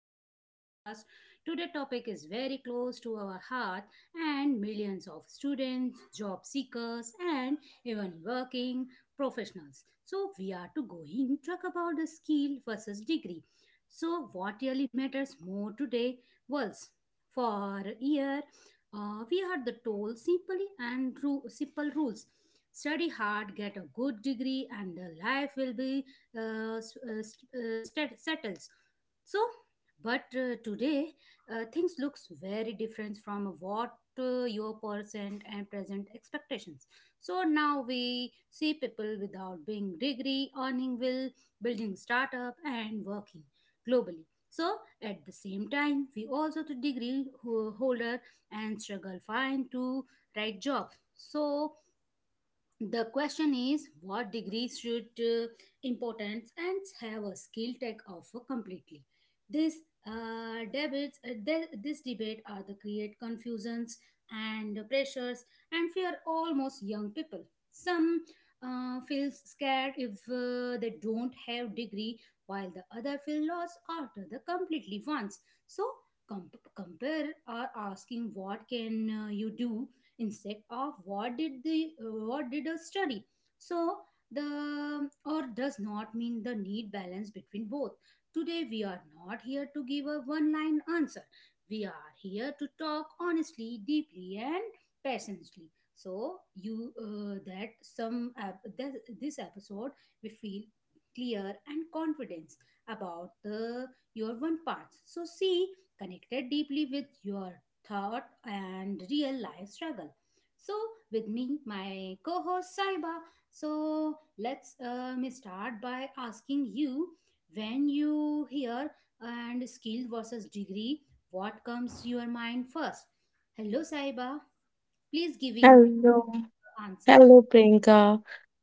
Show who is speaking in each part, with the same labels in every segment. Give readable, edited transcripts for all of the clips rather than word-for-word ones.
Speaker 1: to our podcast. Today topic is very close to our heart and millions of students, job seekers and even working professionals. So we are to going talk about the skill versus degree. So what really matters more today was for a year we are the told simply and through simple rules. Study hard, get a good degree and the life will be settles. So, but today things looks very different from what your present and present expectations. So now we see people without being degree, earning will, building startup, and working globally. So at the same time, we also the degree holder and struggle find to right job. So the question is what degree should importance and have a skill tech offer completely this this debate are the create confusions and pressures and fear almost young people some feels scared if they don't have degree while the other feel lost after the completely wants so compare or asking what can you do instead of what did the what did a study so the or does not mean the need balance between both. Today we are not here to give a one line answer. We are here to talk honestly, deeply and passionately so you that this episode we feel clear and confidence about the your one parts so see connected deeply with your thought and real life struggle. So, with me, my co host Saiba. So, let's start by asking you when you hear and skill versus degree, what comes to your mind first? Hello, Saiba. Please giving
Speaker 2: Hello.
Speaker 1: the answer.
Speaker 2: Hello, Priyanka.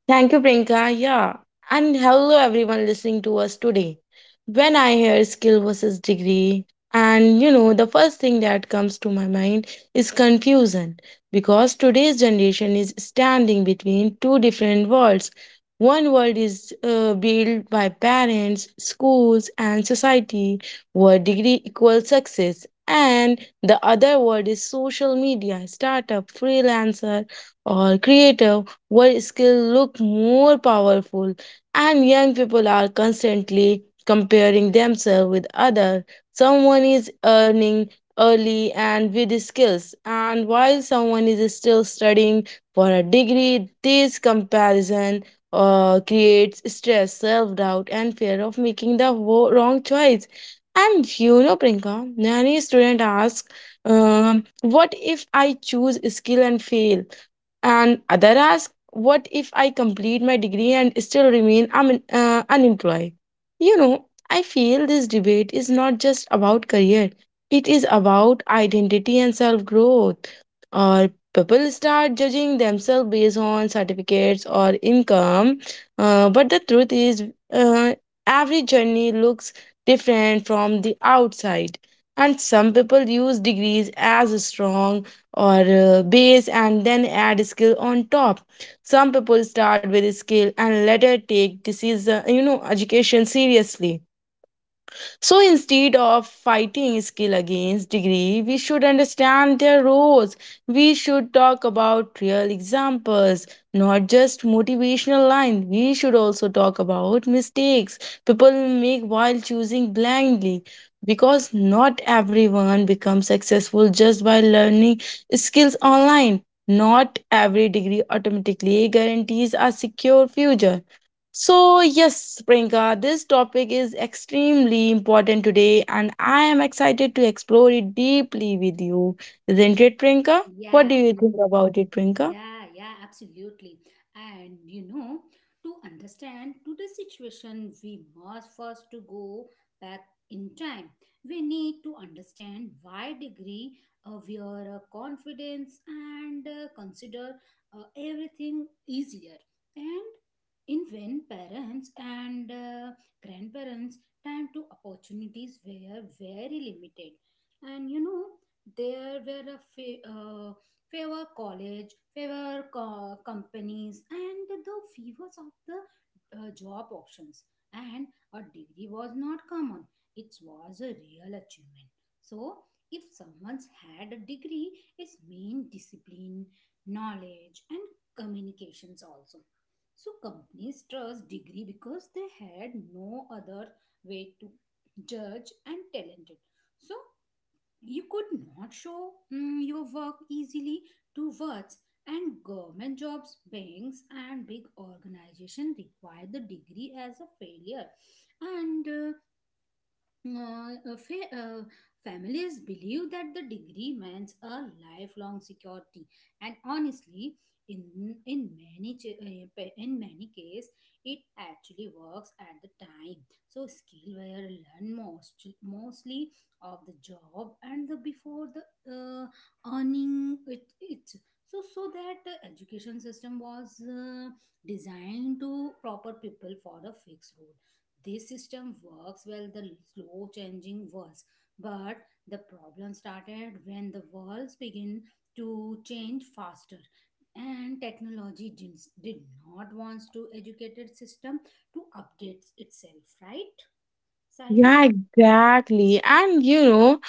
Speaker 2: Thank you, Priyanka. Yeah. And hello, everyone listening to us today. When I hear skill versus degree, the first thing that comes to my mind is confusion because today's generation is standing between two different worlds. One world is built by parents, schools, and society, where degree equals success, and the other world is social media, startup, freelancer, or creative work skills look more powerful, and young people are constantly comparing themselves with others. Someone is earning early and with skills, and while someone is still studying for a degree, this comparison creates stress, self-doubt, and fear of making the wrong choice. And Priyanka, many student ask, um, what if I choose skill and fail? And other ask, what if I complete my degree and still remain unemployed? You know, I feel this debate is not just about career, it is about identity and self growth. Or people start judging themselves based on certificates or income. But the truth is, uh, every journey looks different from the outside. And some people use degrees as strong or base and then add skill on top. Some people start with skill and later take decision, you know, education seriously. So instead of fighting skill against degree, we should understand their roles. We should talk about real examples, not just motivational lines. We should also talk about mistakes people make while choosing blindly. Because not everyone becomes successful just by learning skills online. Not every degree automatically guarantees a secure future. So, yes, Priyanka, this topic is extremely important today, and I am excited to explore it deeply with you. Isn't it, Priyanka? What
Speaker 1: Yeah.
Speaker 2: do you think about it, Priyanka?
Speaker 1: Yeah, yeah, absolutely. And you know, to understand today's situation, we must first to go back in time. We need to understand why degree of your confidence and consider everything easier. And in when parents and grandparents time to opportunities were very limited, and you know there were a Favor college, favor companies, and the favors of the job options. And a degree was not common, it was a real achievement. So, if someone's had a degree, it's mean discipline, knowledge, and communications also. So, companies trust degree because they had no other way to judge and talented. So, you could not show your work easily to words, and government jobs, banks, and big organizations require the degree as a failure. And uh, uh, uh, fa- uh, Families believe that the degree means a lifelong security and honestly in many in many case it actually works at the time. So skill were learn mostly of the job and the before the uh, earning it. So that the education system was designed to proper people for a fixed role. This system works well the slow changing worlds but the problem started when the worlds begin to change faster and technology did not want to educated system to update itself, right Saiba?
Speaker 2: Yeah, exactly. And you know,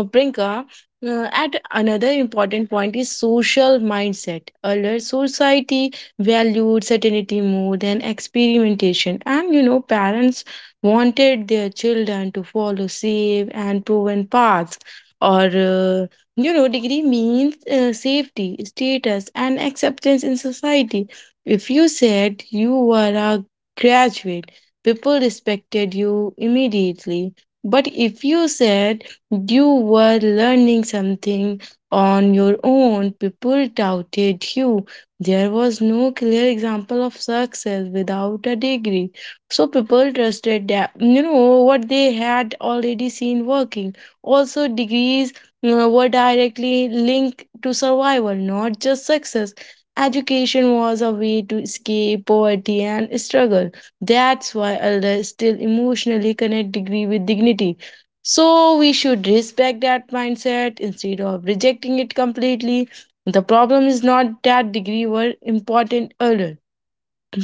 Speaker 2: Prinka, at another important point is social mindset. Earlier, society valued certainty more than experimentation. And you know, parents wanted their children to follow safe and proven paths. Or, degree means safety, status, and acceptance in society. If you said you were a graduate, people respected you immediately. But if you said you were learning something on your own, people doubted you. There was no clear example of success without a degree. So people trusted that, you know, what they had already seen working. Also, degrees were directly linked to survival, not just success. Education was a way to escape poverty and struggle. That's why elders still emotionally connect degree with dignity. So we should respect that mindset instead of rejecting it completely. The problem is not that degree were important earlier,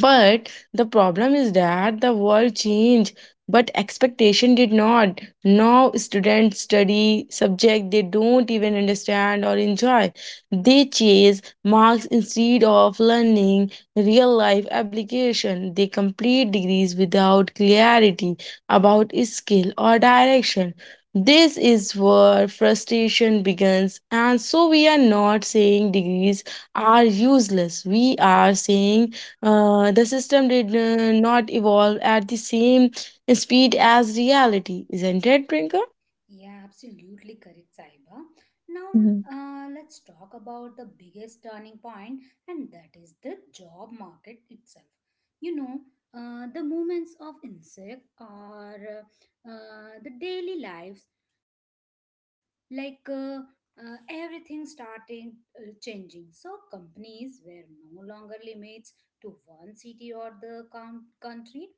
Speaker 2: but the problem is that the world changed, but expectation did not. Now students study subject they don't even understand or enjoy. They chase marks instead of learning real life application. They complete degrees without clarity about skill or direction. This is where frustration begins, and so we are not saying degrees are useless. We are saying the system did not evolve at the same speed as reality, isn't it, Prinka?
Speaker 1: Yeah, absolutely correct, Saiba. Now, let's talk about the biggest turning point, and that is the job market itself. You know, the movements of insect or the daily lives, like everything starting changing. So, companies were no longer limits to one city or the country,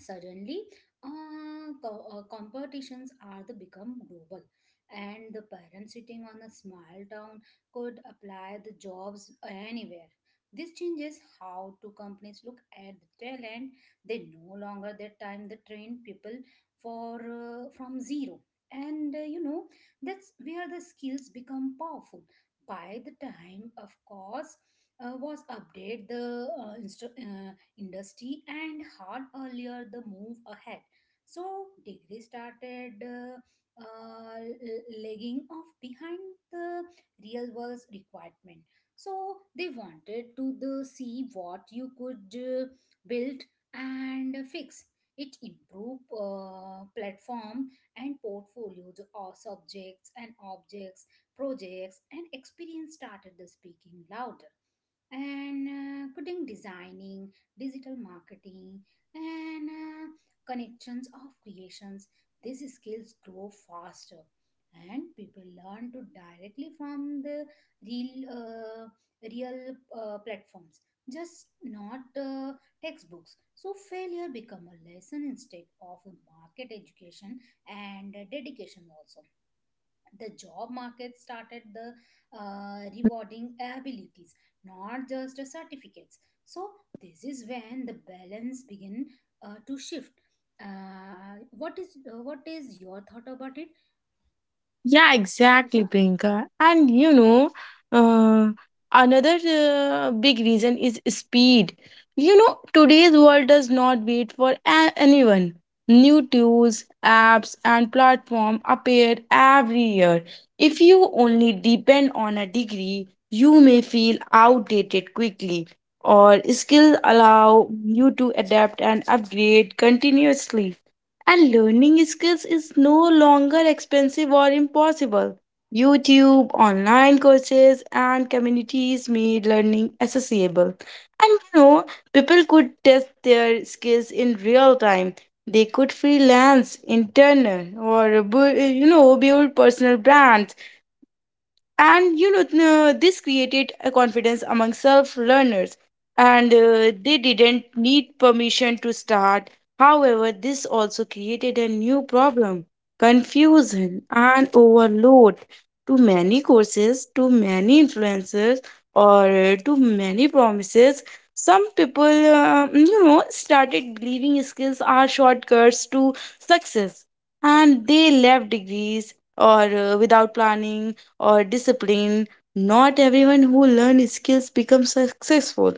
Speaker 1: suddenly competitions are the become global and the parents sitting on a small town could apply the jobs anywhere. This changes how two companies look at the talent. They no longer that time they train people for from zero and you know that's where the skills become powerful by the time of course was update the industry and hard earlier the move ahead. So degree started uh, lagging off behind the real world requirement. So they wanted to the see what you could build and fix it improve platform and portfolio the all subjects and objects projects and experience started the speaking louder and coding designing, digital marketing, and connections of creations. These skills grow faster, and people learn to directly from the real, uh, real platforms, just not textbooks. So failure become a lesson instead of a market education and dedication also the job market started the rewarding abilities not just the certificates. So this is when the balance begin to shift. What is your thought about it,
Speaker 2: Yeah,
Speaker 1: Saiba?
Speaker 2: exactly, Priyanka. And you know, uh, another big reason is speed. You know, today's world does not wait for anyone. New tools, apps, and platform appear every year. If you only depend on a degree, you may feel outdated quickly, or skills allow you to adapt and upgrade continuously. And learning skills is no longer expensive or impossible. YouTube, online courses, and communities made learning accessible. And you know, people could test their skills in real time. They could freelance, intern, or build personal brands. And this created a confidence among self learners, and they didn't need permission to start. However, this also created a new problem, confusion and overload. Too many courses, too many influencers, or too many promises. Some people, started believing skills are shortcuts to success, and they left degrees or without planning or discipline. Not everyone who learns skills becomes successful,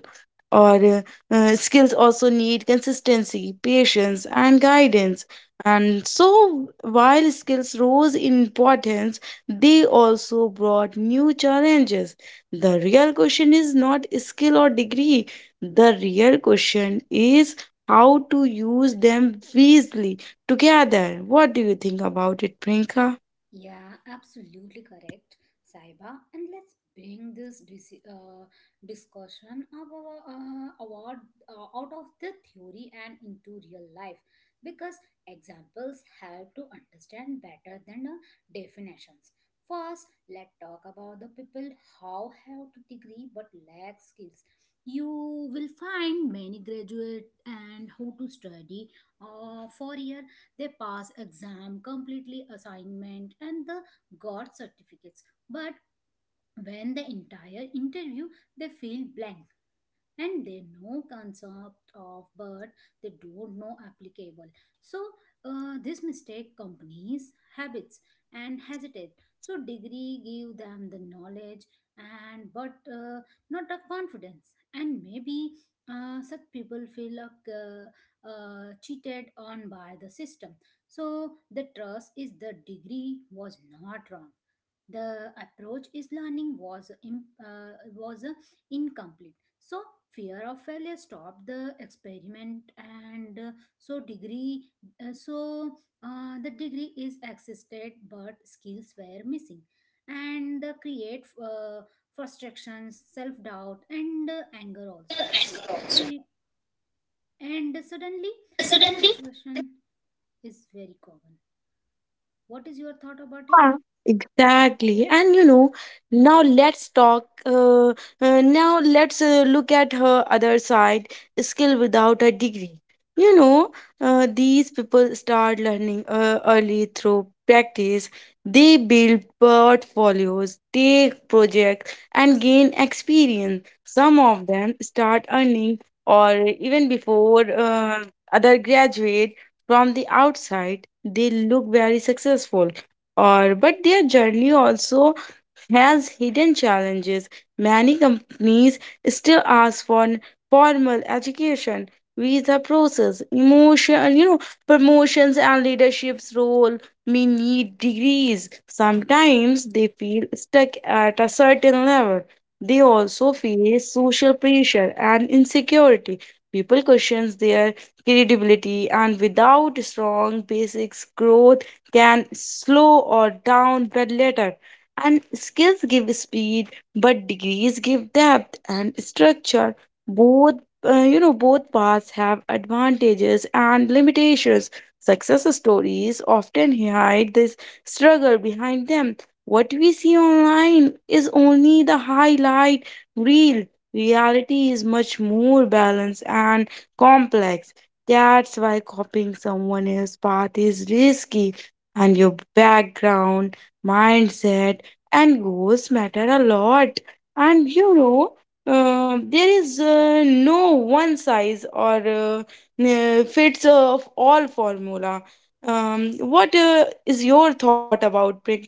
Speaker 2: or skills also need consistency, patience, and guidance. And so, while skills rose in importance, they also brought new challenges. The real question is not skill or degree, the real question is how to use them wisely together. What do you think about it, Prinka?
Speaker 1: Yeah, absolutely correct, Saiba. And let's bring this discussion of our, award out of the theory and into real life because examples help to understand better than definitions. First, let's talk about the people how have to degree but lack skills. You will find many graduate and how to study for year. They pass exam completely assignment and the got certificates but when the entire interview they feel blank and they know concept of but they don't know applicable. So this mistake companies habits and hesitate. So degree give them the knowledge and but not a confidence and maybe such people feel like cheated on by the system. So the trust is the degree was not wrong. The approach is learning was incomplete. So fear of failure stopped the experiment and so degree so the degree is existed but skills were missing and the create frustrations self doubt and anger also. Eh, and suddenly this situation is very common. What is your thought about it?
Speaker 2: Yeah, exactly. And you know, now let's talk. Now let's look at her other side, skill without a degree. You know, these people start learning early through practice. They build portfolios, take projects, and gain experience. Some of them start earning, or even before other graduate. From the outside, they look very successful, or but their journey also has hidden challenges. Many companies still ask for formal education, visa process, emotion, you know, promotions and leadership's role may need degrees. Sometimes they feel stuck at a certain level. They also face social pressure and insecurity. People question their credibility, and without strong basics growth can slow or down but later. And skills give speed, but degrees give depth and structure. Both, both paths have advantages and limitations. Success stories often hide this struggle behind them. What we see online is only the highlight reel. Reality is much more balanced and complex. That's why copying someone else's path is risky, and your background, mindset, and goals matter a lot. And there is, no one size or fits of all formula. What is your thought about Prinka?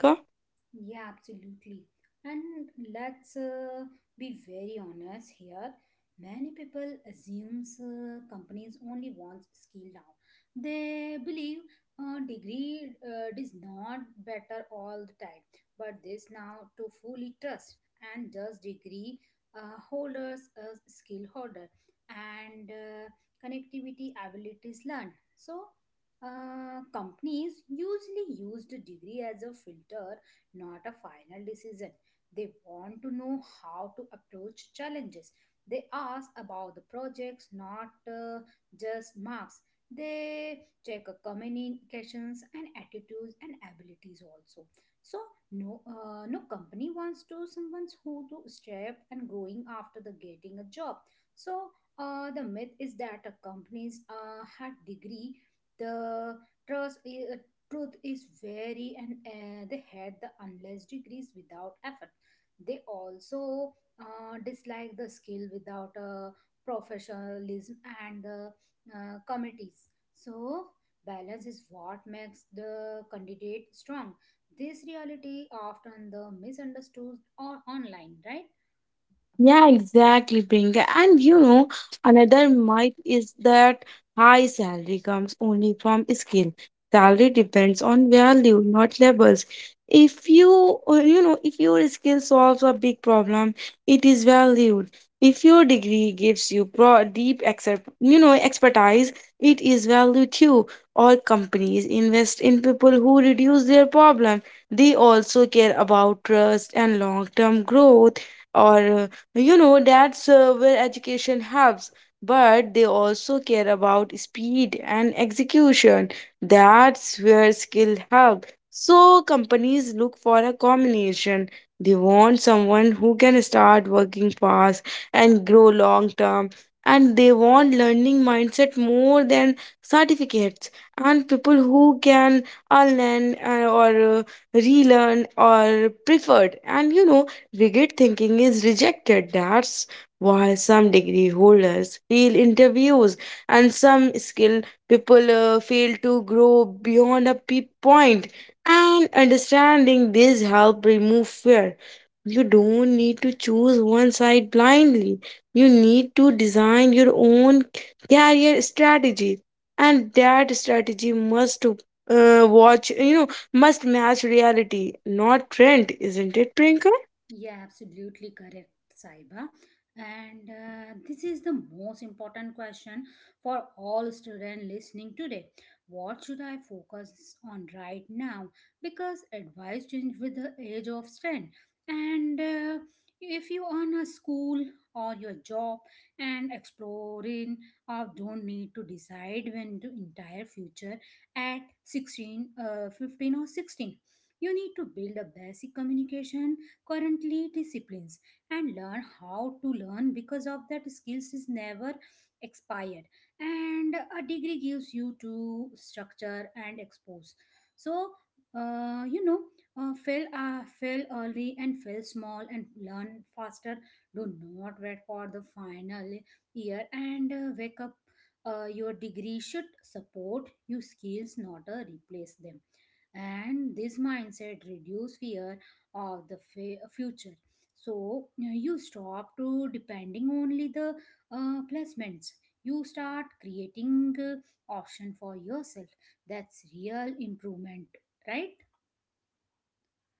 Speaker 1: Yeah, absolutely. And let's be very honest here. Many people assumes companies only wants skill now. They believe a degree is not better all the time. But this now to fully trust and just degree holders as skill holder and connectivity abilities learned. So companies usually use the degree as a filter not a final decision. They want to know how to approach challenges. They ask about the projects, not just marks. They check communications and attitudes and abilities also. So no, no company wants to someone who to step and growing after the getting a job. So the myth is that a companies had degree the trust truth is very and they had the unless degrees without effort they also dislike the skill without professionalism and the committees. So balance is what makes the candidate strong. This reality often the misunderstood or online, right?
Speaker 2: Yeah, exactly, Priyanka. And you know, another myth is that high salary comes only from skill. Salary depends on value, not levels. If you, if your skill solves a big problem, it is valued. If your degree gives you deep, expertise, it is valued too. All companies invest in people who reduce their problem. They also care about trust and long-term growth, or that's where education helps, but they also care about speed and execution. That's where skill helps. So, companies look for a combination. They want someone who can start working fast and grow long term, and they want learning mindset more than certificates, and people who can unlearn or relearn or preferred. And you know, rigid thinking is rejected. That's why some degree holders fail interviews and some skilled people fail to grow beyond a point. And understanding this help remove fear. You don't need to choose one side blindly. You need to design your own career strategy, and that strategy must watch you know must match reality, not trend, isn't it, Prinka?
Speaker 1: Yeah, absolutely correct, Saiba. And this is the most important question for all students listening today. What should I focus on right now? Because advice changes with the age of strength. And if you on a school or your job and exploring or don't need to decide when the entire future at 16, 15 or 16. You need to build a basic communication currently disciplines and learn how to learn because of that skills is never expired and a degree gives you to structure and expose. So you know fail early and fail small and learn faster. Do not wait for the final year and wake up. Your degree should support your skills not replace them and this mindset reduce fear of the future. So you know, you stop to depending only the placements. You start creating option for yourself. That's real improvement, right?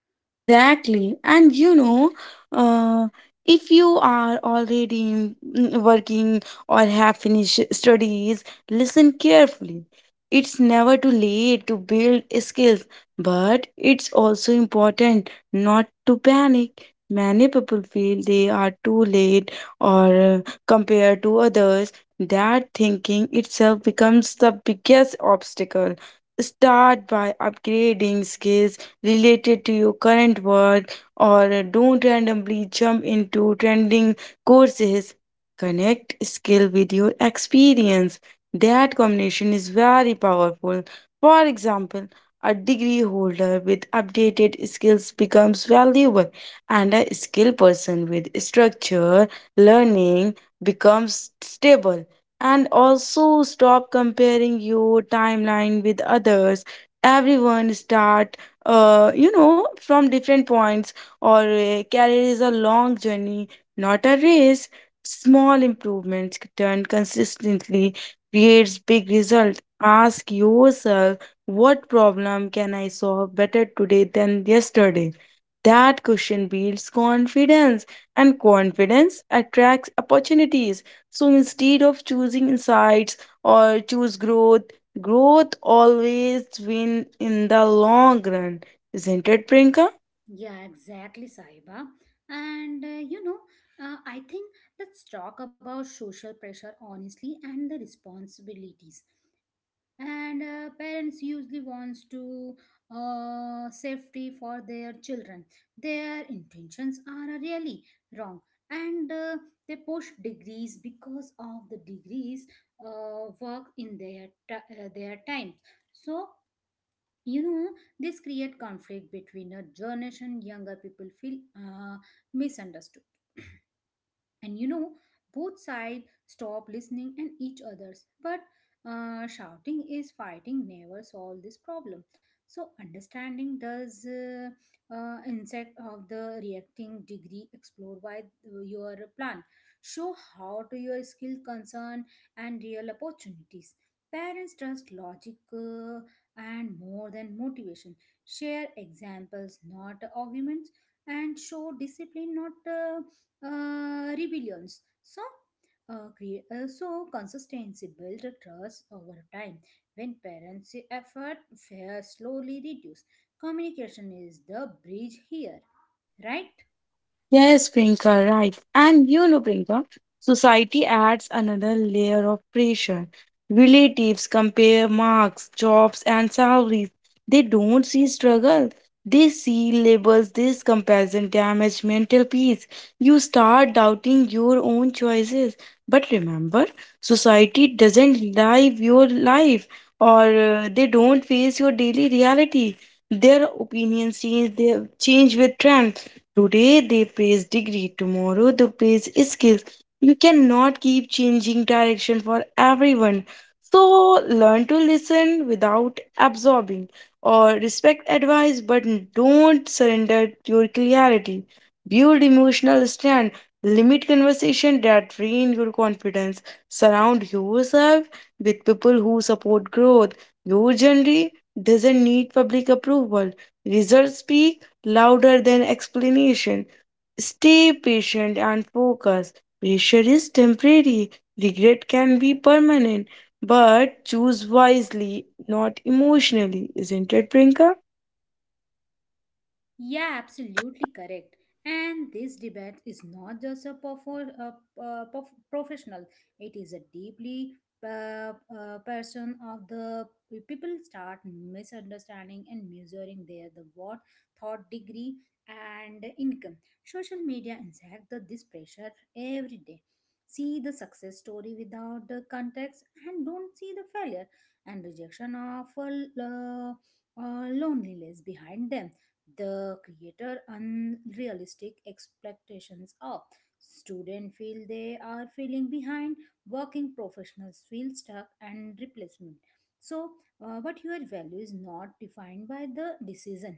Speaker 2: Yeah, exactly. And you know, uh, if you are already working or have finished studies, listen carefully. It's never too late to build skills, but it's also important not to panic. Many people feel they are too late or compared to others. That thinking itself becomes the biggest obstacle. Start by upgrading skills related to your current work, or don't randomly jump into trending courses. Connect skill with your experience. That combination is very powerful. For example, a degree holder with updated skills becomes valuable, and a skilled person with structure learning becomes stable. And also stop comparing your timeline with others. Everyone start from different points. Or career is a long journey, not a race. Small improvements done consistently creates big result. Ask yourself, what problem can I solve better today than yesterday? That question builds confidence, and confidence attracts opportunities. So instead of choosing insights or choose growth, growth always wins in the long run. Isn't it, Prinka?
Speaker 1: Yeah, exactly, Saiba. And you know I think let's talk about social pressure honestly and the responsibilities and parents usually wants to safety for their children. Their intentions are really wrong and they push degrees because of the degrees work in their their time. So you know this create conflict between a generation. Younger people feel misunderstood and you know both sides stop listening and each others but shouting is fighting never solve this problem. So understanding does insect of the reacting degree explore why your plan show how to your skill concern and real opportunities. Parents trust logic and more than motivation. Share examples not arguments and show discipline not rebellions. So, so consistency builds trust over time. When parents' effort fear slowly reduce, communication is the bridge here, right?
Speaker 2: Yes, Priyanka, right. And you know, Priyanka, society adds another layer of pressure. Relatives compare marks, jobs, and salaries. They don't see struggle. They see labels. This comparison damage mental peace. You start doubting your own choices. But remember, society doesn't live your life, or they don't face your daily reality. Their opinions change. They change with trends. Today they praise degree, tomorrow they praise skills. You cannot keep changing direction for everyone. So learn to listen without absorbing, or respect advice but don't surrender your clarity. Build emotional strength. Limit conversation that drain your confidence. Surround yourself with people who support growth. Your journey doesn't need public approval. Results speak louder than explanation. Stay patient and focus. Pressure is temporary, regret can be permanent, but choose wisely, not emotionally. Isn't it, Prinka?
Speaker 1: Yeah, absolutely correct. And this debate is not just a professional, it is a deeply person of the people start misunderstanding and measuring their the what thought degree and income. Social media inject the, this pressure every day. See the success story without the context, and don't see the failure and rejection of lo- loneliness behind them, the creator unrealistic expectations of students feel they are feeling behind, working professionals feel stuck and replacement. So uh, but your value is not defined by the decision,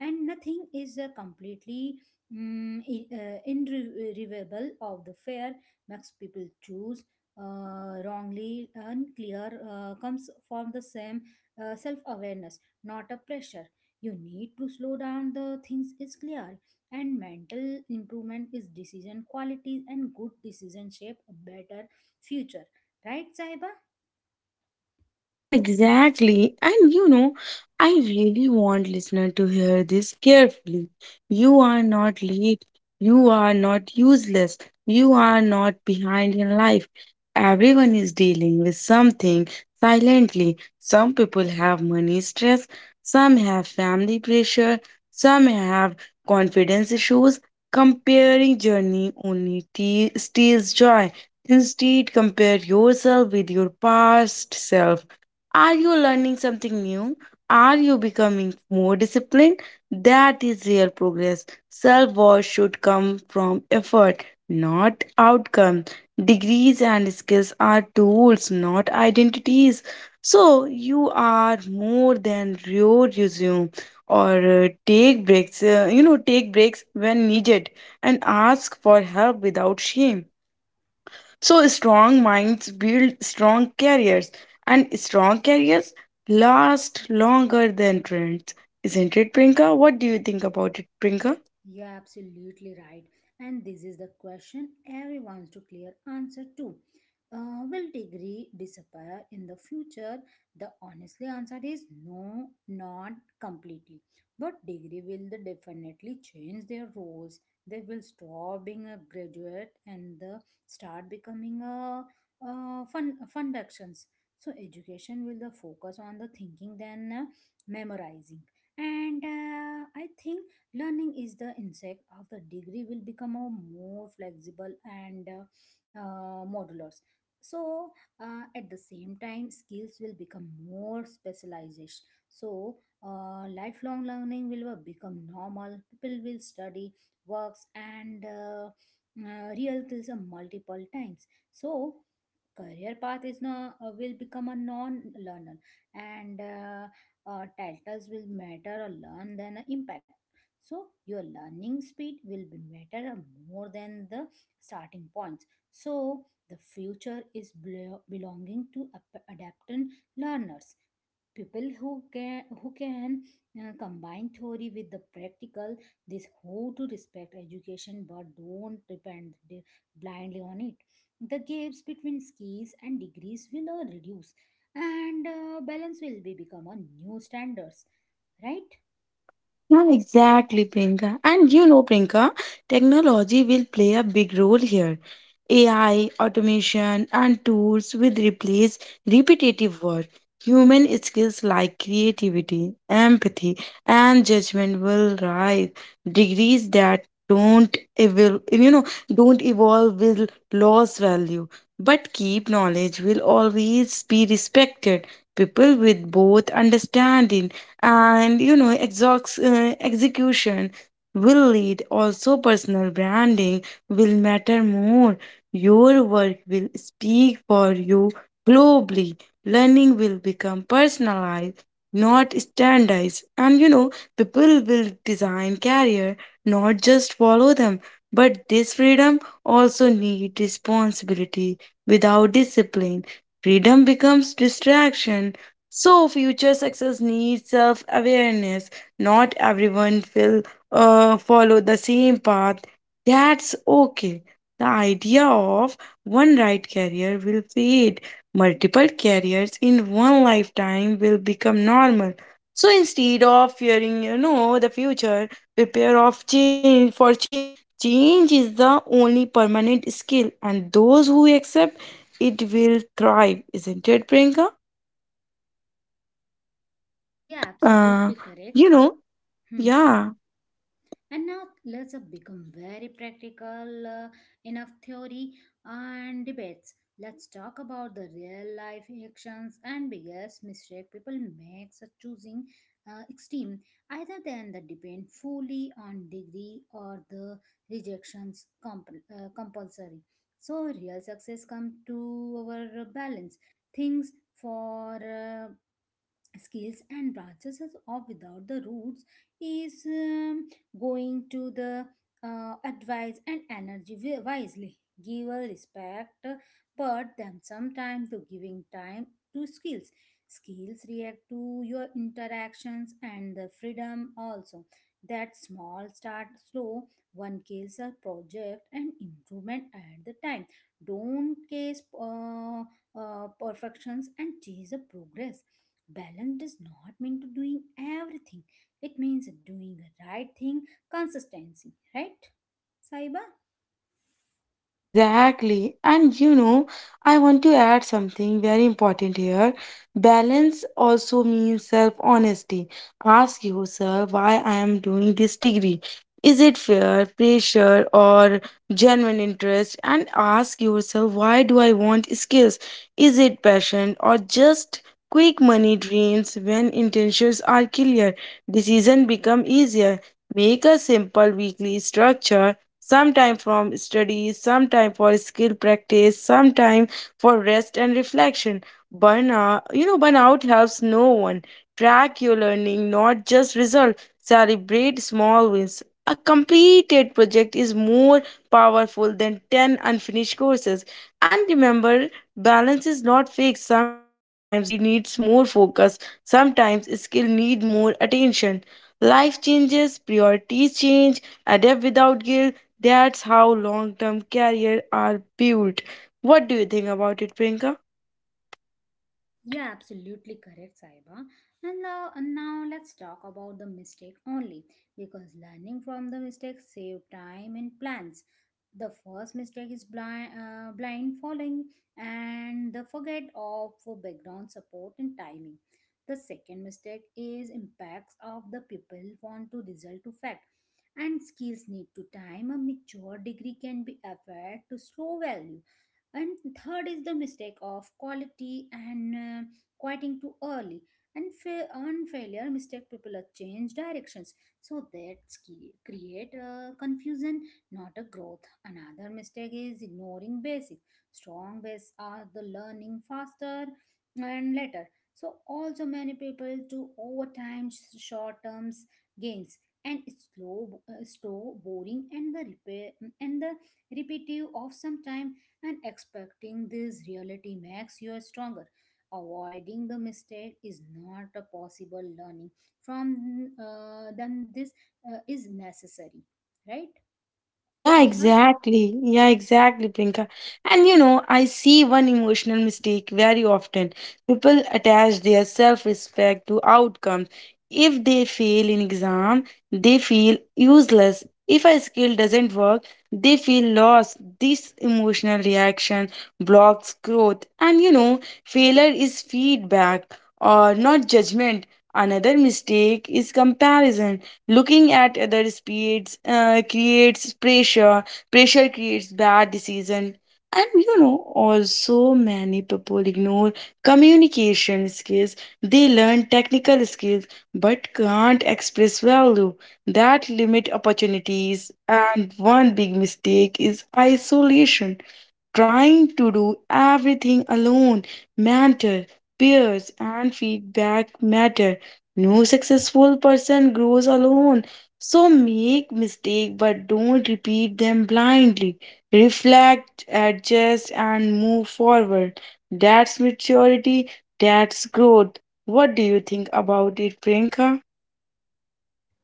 Speaker 1: and nothing is completely irreversible of the fair makes people choose wrongly unclear comes from the same self-awareness, not a pressure. You need to slow down the things is clear, and mental improvement is decision quality, and good decision shape a better future. Right, Saiba?
Speaker 2: Yeah, exactly. And you know, I really want listener to hear this carefully. You are not late. You are not useless. You are not behind in life. Everyone is dealing with something silently. Some people have money stress, some have family pressure, some have confidence issues. Comparing journey only steals joy. Instead, compare yourself with your past self. Are you learning something new? Are you becoming more disciplined? That is real progress. Self worth should come from effort, not outcome. Degrees and skills are tools, not identities. So you are more than your resume, or take breaks, take breaks when needed and ask for help without shame. So strong minds build strong careers, and strong careers last longer than trends. Isn't it, Prinka? What do you think about it, Prinka?
Speaker 1: You're absolutely right. And this is the question everyone's to clear answer to. Will degree disappear in the future? The honestly answer is no, not completely. But degree will the definitely change their roles. They will stop being a graduate and the start becoming a, fun functions. So education will the focus on the thinking than memorizing. And I think learning is the insect of the degree will become a more flexible and modulars. So at the same time, skills will become more specialized. So lifelong learning will become normal. People will study works and real skills multiple times. So career path is now will become a non-learner, and titles will matter a learn than impact, so your learning speed will be better, more than the starting points. So the future is belonging to adaptant learners, people who can combine theory with the practical. This how to respect education but don't depend blindly on it. The gaps between skills and degrees will reduce, and balance will be become a new standards, right?
Speaker 2: Yeah, exactly, Priyanka. And you know, Priyanka, technology will play a big role here. AI, automation, and tools will replace repetitive work. Human skills like creativity, empathy, and judgment will rise. Degrees that don't evolve, don't evolve, will lose value. But keep knowledge will always be respected. People with both understanding and you know exocs execution will lead. Also personal branding will matter more. Your work will speak for you globally. Learning will become personalized, not standardized, and you know, people will design career, not just follow them. But this freedom also need responsibility. Without discipline, freedom becomes distraction. So future success needs self-awareness. Not everyone will follow the same path. That's okay. The idea of one right career will fade. Multiple careers in one lifetime will become normal. So instead of fearing, you know, the future, prepare of change for change. Change is the only permanent skill, and those who accept it will thrive, isn't it, Priyanka?
Speaker 1: Yeah,
Speaker 2: Uh,
Speaker 1: absolutely
Speaker 2: you
Speaker 1: correct.
Speaker 2: know,
Speaker 1: Hmm.
Speaker 2: yeah.
Speaker 1: And now let's become very practical, enough theory and debates. Let's talk about the real life actions and biggest mistake people make such choosing extreme either than the depend fully on degree or the rejections compulsory. So real success come to our balance things for skills and branches or without the roots is going to the advice and energy wisely give a respect but then sometime to giving time to skills. Skills react to your interactions and the freedom also, that small start slow, one kills a project and improvement at the time. Don't case perfections and chase the progress. Balance does not mean to doing everything. It means doing the right thing, consistency, right, Saiba?
Speaker 2: Yeah, exactly. And you know, I want to add something very important here. Balance also means self honesty. Ask yourself why I am doing this degree. Is it fear, pressure, or genuine interest? And ask yourself, why do I want skills? Is it passion or just quick money dreams? When intentions are clear, decision become easier. Make a simple weekly structure, sometime from studies, sometime for skill practice, sometime for rest and reflection. Burnout helps no one. Track your learning, not just result. Celebrate small wins. A completed project is more powerful than 10 unfinished courses. And remember, balance is not fixed. Sometimes degree needs more focus, sometimes skill need more attention. Life changes, priorities change, adapt without guilt, that's how long term careers are built. What do you think about it, Priyanka?
Speaker 1: Yeah, absolutely correct, Saiba. And now let's talk about the mistake only because learning from the mistakes save time and plans. The first mistake is blind following and the forget of background support and timing. The second mistake is impacts of the people want to result to fact, and skills need to time. A mature degree can be afforded to slow value, and third is the mistake of quality and quieting too early, and on failure mistake people are change directions, so that's key create a confusion, not a growth. Another mistake is ignoring basic, strong base are the learning faster and later. So also many people do overtime short terms gains, and slow boring and the repair and the repetitive of some time, and expecting this reality makes you stronger. Avoiding the mistake is not a possible learning from, then this is necessary, right,
Speaker 2: Yeah,
Speaker 1: Saiba?
Speaker 2: exactly. Yeah, exactly, Priyanka. And you know, I see one emotional mistake very often. People attach their self-respect to outcomes. If they fail in exam, they feel useless. If a skill doesn't work, they feel lost. This emotional reaction blocks growth. And you know, failure is feedback or not judgment. Another mistake is comparison. Looking at other speeds creates pressure. Pressure creates bad decision. And you know, also many people ignore communication skills. They learn technical skills but can't express value. That limit opportunities. And one big mistake is isolation. Trying to do everything alone matter. Peers and feedback matter. No successful person grows alone. So make mistake but don't repeat them blindly. Reflect, adjust and move forward. That's maturity, that's growth. What do you think about it, Priyanka?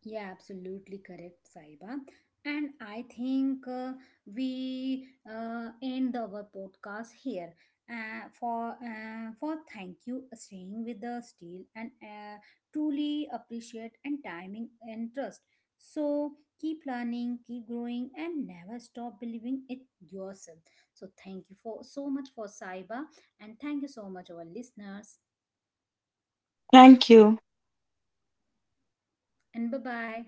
Speaker 1: Yeah, absolutely correct, Saiba. And I think we end our podcast here. For thank you staying with the steel and truly appreciate and timing and trust. So keep learning, keep growing, and never stop believing it yourself. So thank you for so much for Saiba, and thank you so much our listeners.
Speaker 2: Thank you.
Speaker 1: And bye bye.